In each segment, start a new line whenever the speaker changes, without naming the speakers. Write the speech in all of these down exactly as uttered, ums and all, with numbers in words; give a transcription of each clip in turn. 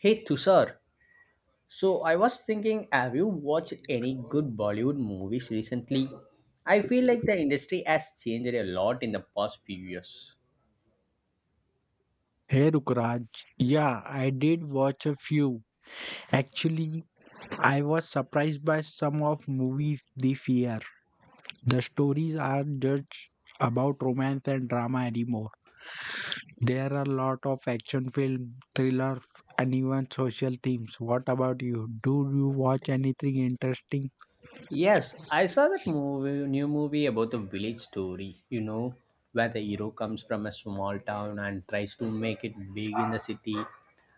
Hey Tushar, so I was thinking, have you watched any good Bollywood movies recently? I feel like the industry has changed a lot in the past few years.
Hey Rukraj, yeah, I did watch a few. Actually, I was surprised by some of movies this year. The stories aren't just about romance and drama anymore. There are a lot of action film, thrillers, and even social themes. What about you? Do you watch anything interesting?
Yes, I saw that movie, new movie about the village story, you know, where the hero comes from a small town and tries to make it big in the city.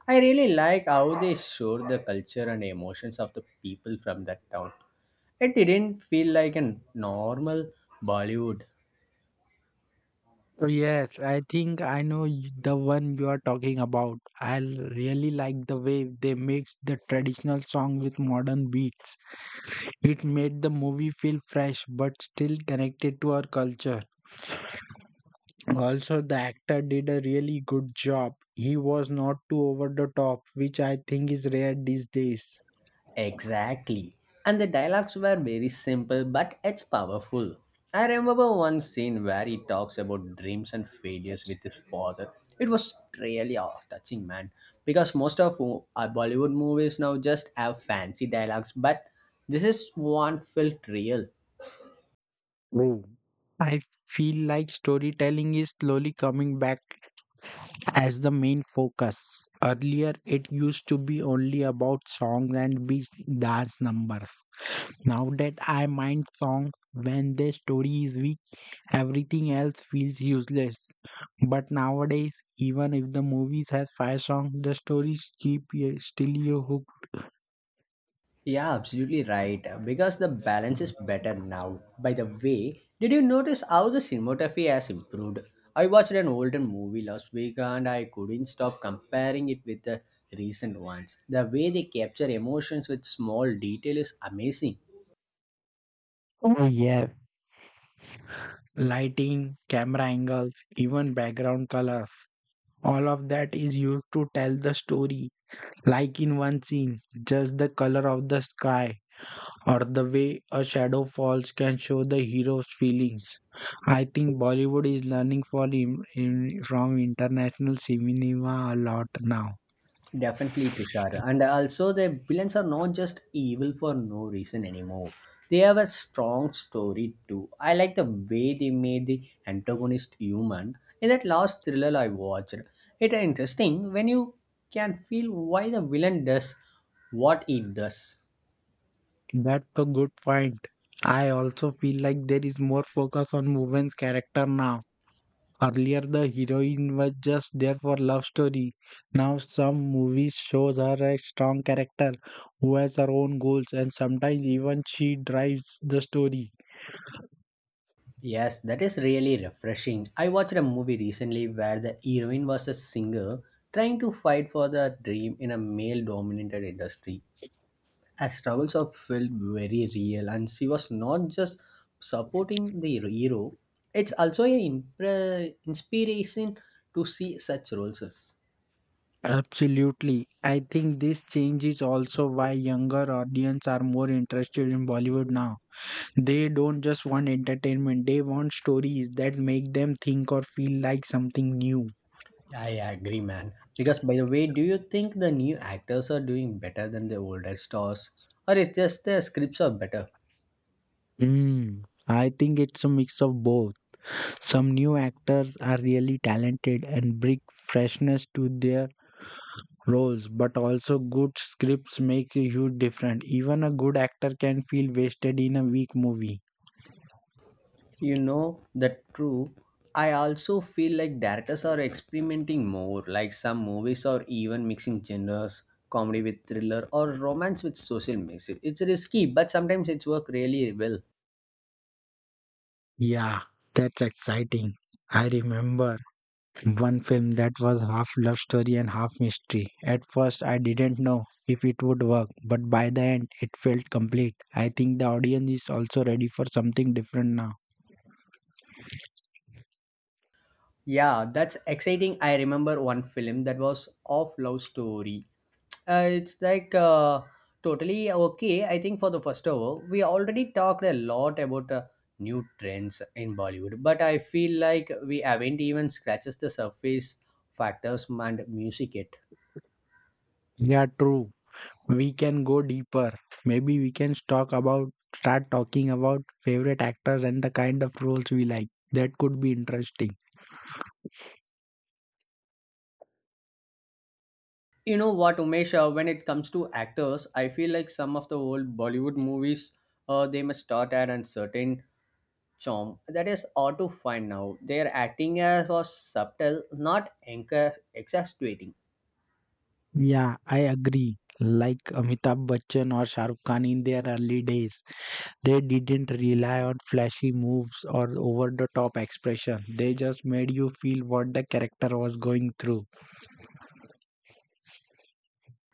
I really like how they showed the culture and emotions of the people from that town. It didn't feel like a normal Bollywood.
Oh yes, I think I know y- the one you are talking about. I l- really like the way they mixed the traditional song with modern beats. It made the movie feel fresh but still connected to our culture. Also, the actor did a really good job. He was not too over the top, which I think is rare these days.
Exactly. And the dialogues were very simple, but it's powerful. I remember one scene where he talks about dreams and failures with his father. It was really awe touching, man. Because most of mo- our Bollywood movies now just have fancy dialogues, but this is one felt real.
True. I feel like storytelling is slowly coming back as the main focus. Earlier, it used to be only about songs and beach dance numbers. Now that I mind songs when their story is weak, everything else feels useless. But nowadays, even if the movies has five songs, the stories keep you still you hooked.
Yeah, absolutely right. Because the balance is better now. By the way, did you notice how the cinematography has improved? I watched an older movie last week and I couldn't stop comparing it with the recent ones. The way they capture emotions with small detail is amazing.
Oh yeah, lighting, camera angles, even background colors. All of that is used to tell the story. Like in one scene, just the color of the sky or the way a shadow falls can show the hero's feelings. I think Bollywood is learning for im- in- from international cinema a lot now.
Definitely, Tushar. And also, the villains are not just evil for no reason anymore. They have a strong story too. I like the way they made the antagonist human in that last thriller I watched. It's interesting when you can feel why the villain does what he does.
That's a good point. I also feel like there is more focus on women's character now. Earlier, the heroine was just there for love story. Now, some movies shows her a strong character who has her own goals, and sometimes even she drives the story.
Yes, that is really refreshing. I watched a movie recently where the heroine was a singer trying to fight for the dream in a male dominated industry. Her struggles are felt very real, and she was not just supporting the hero, it's also an impre- inspiration to see such roles. As-
Absolutely. I think this change is also why younger audience are more interested in Bollywood now. They don't just want entertainment, they want stories that make them think or feel like something new.
I agree, man. Because, by the way, do you think the new actors are doing better than the older stars, or it's just the scripts are better?
Hmm. I think it's a mix of both. Some new actors are really talented and bring freshness to their roles, but also good scripts make a huge difference. Even a good actor can feel wasted in a weak movie.
You know, that true. I also feel like directors are experimenting more, like some movies are even mixing genres, comedy with thriller or romance with social message. It's risky, but sometimes it's work really well.
Yeah, that's exciting. I remember one film that was half love story and half mystery. At first, I didn't know if it would work, but by the end, it felt complete. I think the audience is also ready for something different now.
Yeah, that's exciting. I remember one film that was of love story. Uh, it's like uh, totally okay. I think for the first hour, we already talked a lot about uh, new trends in Bollywood, but I feel like we haven't even scratched the surface factors and music it.
Yeah, true. We can go deeper. Maybe we can talk about start talking about favorite actors and the kind of roles we like. That could be interesting.
You know what, Umesh? Uh, when it comes to actors, I feel like some of the old Bollywood movies, uh, they must start at a certain charm that is hard to find now. Their acting as was subtle, not anchor exasperating.
Yeah, I agree. Like Amitabh Bachchan or Shahrukh Khan in their early days. They didn't rely on flashy moves or over the top expression. They just made you feel what the character was going through.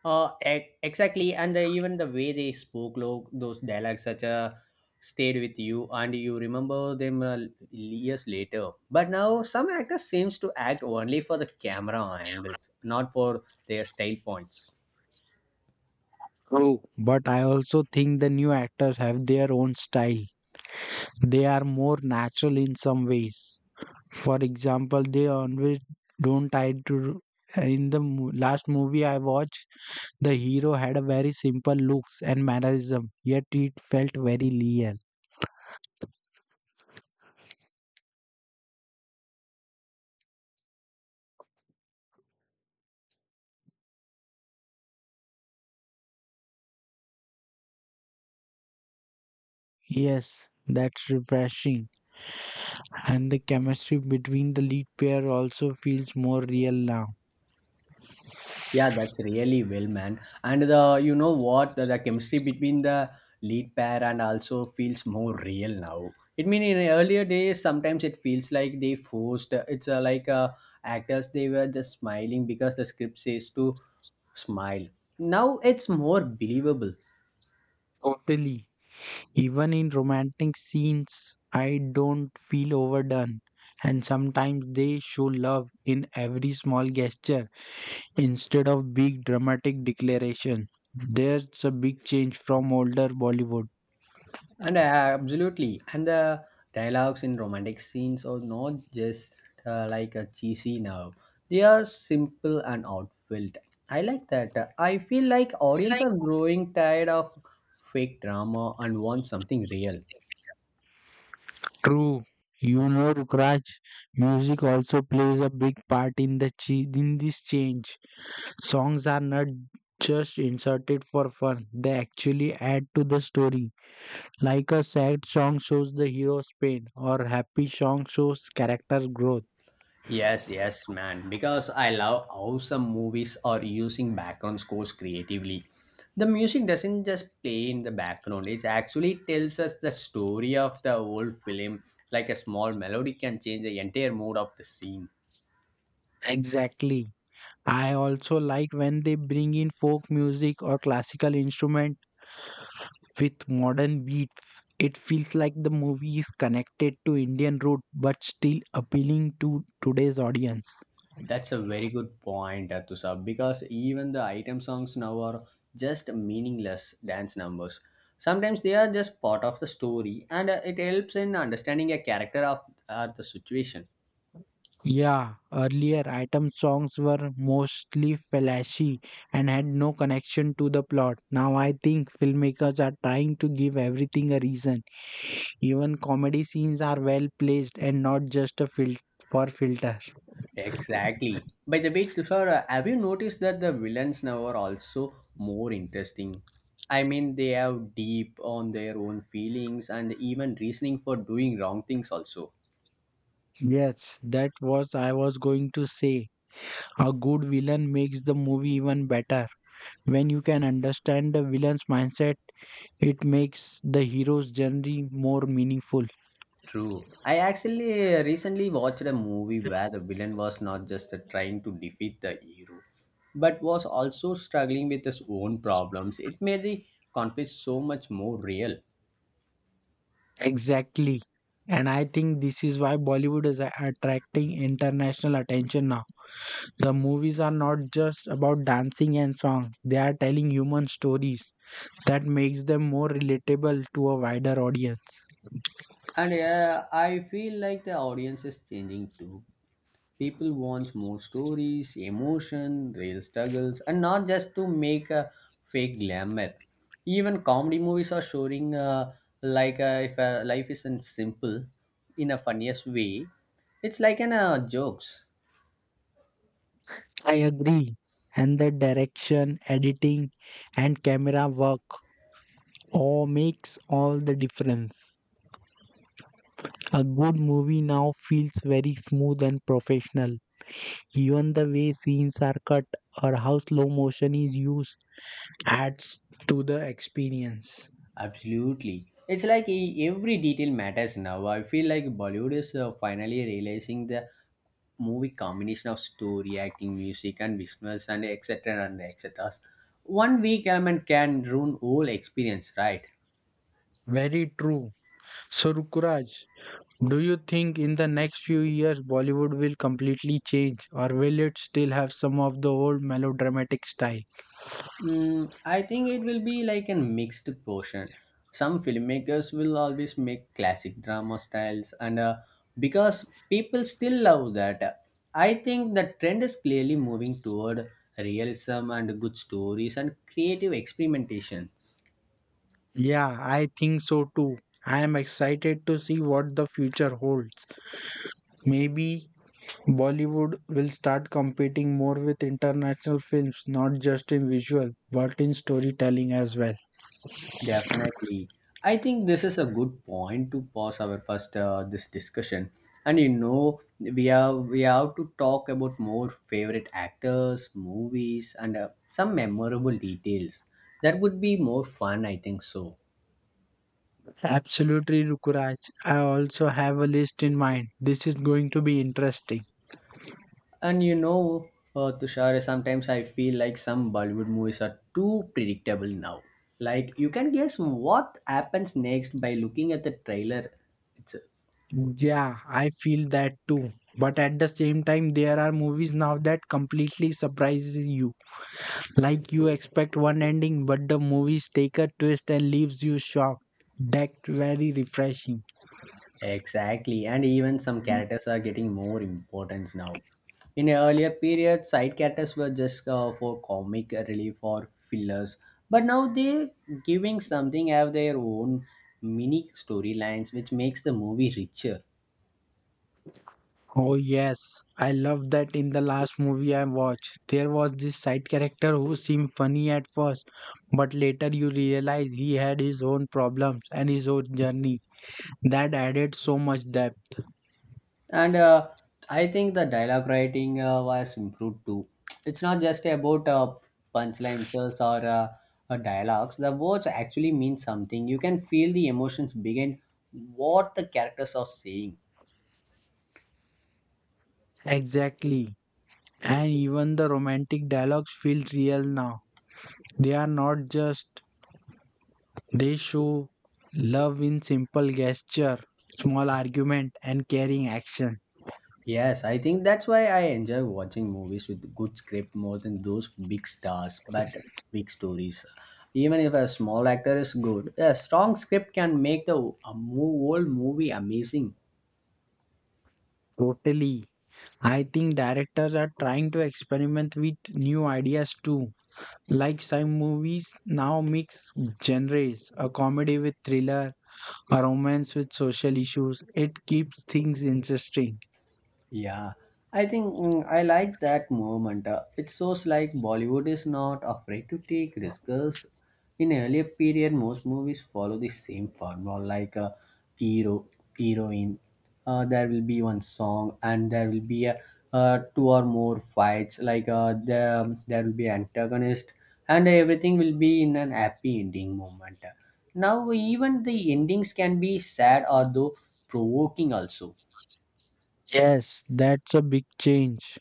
Uh, e- exactly, and the, even the way they spoke, look those dialogues such a stayed with you, and you remember them uh, years later. But now some actors seems to act only for the camera angles, not for their style points.
But I also think the new actors have their own style. They are more natural in some ways. For example, they always don't try to. In the mo- last movie I watched, the hero had a very simple looks and mannerism, yet it felt very real. Yes, that's refreshing. And the chemistry between the lead pair also feels more real now.
Yeah, that's really well, man. And the you know what the, the chemistry between the lead pair and also feels more real now. It mean in earlier days sometimes it feels like they forced. It's uh, like uh, actors they were just smiling because the script says to smile. Now it's more believable.
Totally. Even in romantic scenes, I don't feel overdone. And sometimes they show love in every small gesture instead of big dramatic declaration. There's a big change from older Bollywood.
And uh, absolutely, and the dialogues in romantic scenes are not just uh, like a cheesy now. They are simple and heartfelt. I like that. Uh, I feel like audience are growing tired of fake drama and want something real.
True. You know, Rukraj, music also plays a big part in the ch- in this change. Songs are not just inserted for fun, they actually add to the story. Like a sad song shows the hero's pain, or happy song shows character growth.
Yes, yes, man. Because I love how some movies are using background scores creatively. The music doesn't just play in the background, it actually tells us the story of the whole film. Like a small melody can change the entire mood of the scene.
Exactly. I also like when they bring in folk music or classical instrument with modern beats. It feels like the movie is connected to Indian root but still appealing to today's audience.
That's a very good point, Atusab, because even the item songs now are just meaningless dance numbers. Sometimes they are just part of the story and uh, it helps in understanding a character of, or the situation.
Yeah, earlier item songs were mostly flashy and had no connection to the plot. Now I think filmmakers are trying to give everything a reason. Even comedy scenes are well placed and not just a fil- for filter.
Exactly. By the way, Tushar, uh, have you noticed that the villains now are also more interesting? I mean, they have deep on their own feelings and even reasoning for doing wrong things also.
Yes, that was I was going to say. A good villain makes the movie even better. When you can understand the villain's mindset, it makes the hero's journey more meaningful.
True. I actually uh, recently watched a movie where the villain was not just uh, trying to defeat the hero, but was also struggling with his own problems. It made the conflict so much more real.
Exactly. And I think this is why Bollywood is a- attracting international attention now. The movies are not just about dancing and song, they are telling human stories that makes them more relatable to a wider audience.
And uh, I feel like the audience is changing too. People want more stories, emotion, real struggles, and not just to make a fake glamour. Even comedy movies are showing uh, like uh, if uh, life isn't simple in a funniest way. It's like an uh, jokes.
I agree. And the direction, editing, and camera work all makes all the difference. A good movie now feels very smooth and professional. Even the way scenes are cut or how slow motion is used adds to the experience.
Absolutely. It's like e- every detail matters now. I feel like Bollywood is uh, finally realizing the movie combination of story, acting, music, and visuals, and et cetera and et cetera. One weak element can ruin whole experience, right?
Very true. So, Rukuraj, do you think in the next few years Bollywood will completely change or will it still have some of the old melodramatic style?
Mm, I think it will be like a mixed portion. Some filmmakers will always make classic drama styles, and uh, because people still love that, I think the trend is clearly moving toward realism and good stories and creative experimentations.
Yeah, I think so too. I am excited to see what the future holds. Maybe Bollywood will start competing more with international films, not just in visual, but in storytelling as well.
Definitely. I think this is a good point to pause our first uh, this discussion. And you know, we have we have to talk about more favorite actors, movies, and uh, some memorable details. That would be more fun, I think so.
Absolutely, Rukuraj. I also have a list in mind. This is going to be interesting.
And you know, uh, Tushar, sometimes I feel like some Bollywood movies are too predictable now. Like you can guess what happens next by looking at the trailer. It's
Yeah, I feel that too. But at the same time, there are movies now that completely surprises you. Like you expect one ending, but the movies take a twist and leaves you shocked. That's very refreshing.
exactly, and even some characters are getting more importance now. In earlier periods, side characters were just uh, for comic relief or fillers, but now they're giving something have their own mini storylines, which makes the movie richer.
Oh yes, I love that in the last movie I watched. There was this side character who seemed funny at first, but later you realize he had his own problems and his own journey. That added so much depth.
And uh, I think the dialogue writing uh, was improved too. It's not just about uh, punchlines or uh, uh, dialogues. The words actually mean something. You can feel the emotions behind what the characters are saying.
Exactly. And even the romantic dialogues feel real now. They are not just, they show love in simple gesture, small argument, and caring action.
Yes, I think that's why I enjoy watching movies with good script more than those big stars but big stories. Even if a small actor is good, a strong script can make the a mo- whole movie amazing.
Totally. I think directors are trying to experiment with new ideas too. Like some movies now mix genres, a comedy with thriller, a romance with social issues. It keeps things interesting.
Yeah, I think mm, I like that moment. Uh, it shows like Bollywood is not afraid to take risks. In earlier period, most movies follow the same formula, like a hero, heroine. Uh, there will be one song, and there will be a uh, two or more fights. Like uh, the, um, there will be antagonist, and everything will be in an happy ending moment. Now even the endings can be sad or though provoking also.
Yes, that's a big change.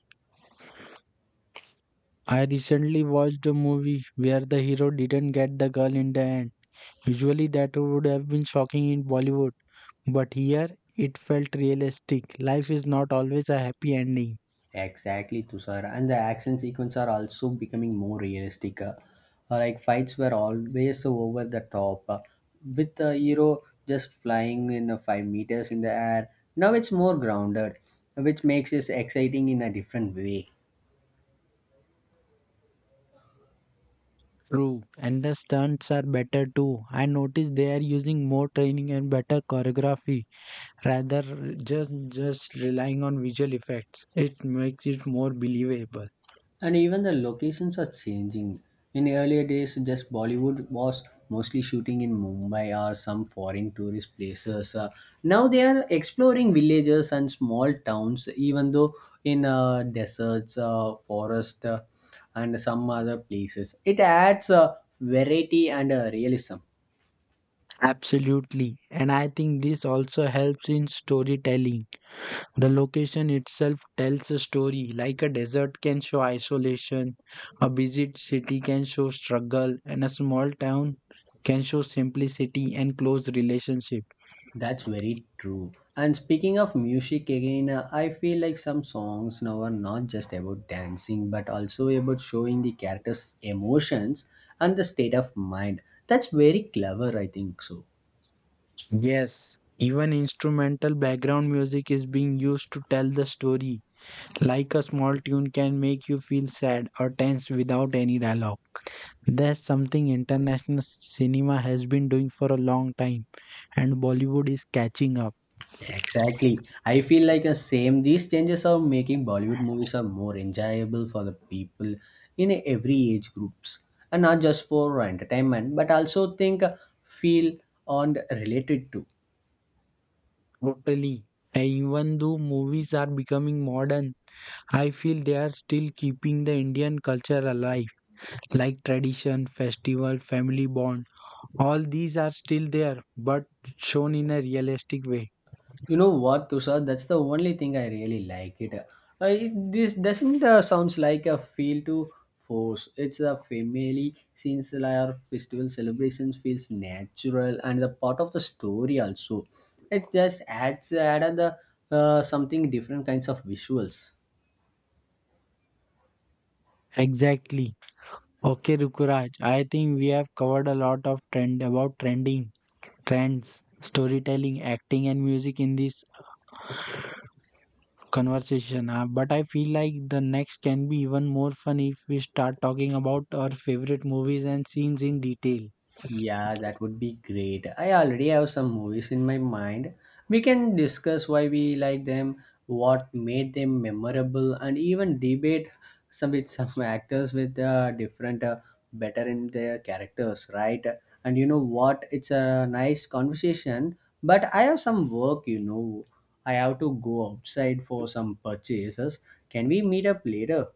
I recently watched a movie where the hero didn't get the girl in the end. Usually, that would have been shocking in Bollywood, but here it felt realistic. Life is not always a happy ending.
Exactly, Tushar. And the action sequence are also becoming more realistic. Uh, like fights were always so over the top, uh, with the hero just flying in the five meters in the air. Now it's more grounded, which makes it exciting in a different way.
True, and the stunts are better too. I noticed they are using more training and better choreography rather just just relying on visual effects. It makes it more believable.
And even the locations are changing. In earlier days, just Bollywood was mostly shooting in Mumbai or some foreign tourist places. Uh, now they are exploring villages and small towns, even though in uh, deserts, uh, forest, uh, and some other places. It adds uh, variety and uh, realism.
Absolutely, and I think this also helps in storytelling. The location itself tells a story, like a desert can show isolation, a busy city can show struggle, and a small town can show simplicity and close relationship.
That's very true. And speaking of music again, uh, I feel like some songs now are not just about dancing but also about showing the character's emotions and the state of mind. That's very clever, I think so.
Yes, even instrumental background music is being used to tell the story, like a small tune can make you feel sad or tense without any dialogue. That's something international cinema has been doing for a long time, and Bollywood is catching up.
Exactly. I feel like the same these changes are making Bollywood movies are more enjoyable for the people in every age groups and not just for entertainment but also think uh, feel and related to.
Totally. And even though movies are becoming modern, I feel they are still keeping the Indian culture alive, like tradition, festival, family bond. All these are still there, but shown in a realistic way.
You know what, Tushar? That's the only thing I really like it. Uh, it this doesn't uh, sounds like a feel to force. It's a family since our festival celebrations feels natural and the part of the story also. It just adds add the uh, something different kinds of visuals.
Exactly. Okay, Rukuraj, I think we have covered a lot of trend about trending, trends, storytelling, acting, and music in this conversation, uh, but I feel like the next can be even more fun if we start talking about our favorite movies and scenes in detail.
Yeah, that would be great. I already have some movies in my mind. We can discuss why we like them, what made them memorable, and even debate some with some actors with uh, different uh, better in their characters, right? And you know what? It's a nice conversation, but I have some work, you know. I have to go outside for some purchases. Can we meet up later?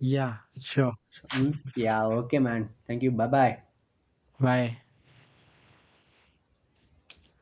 Yeah, sure.
Hmm? Yeah, okay, man. Thank you. Bye bye.
Bye.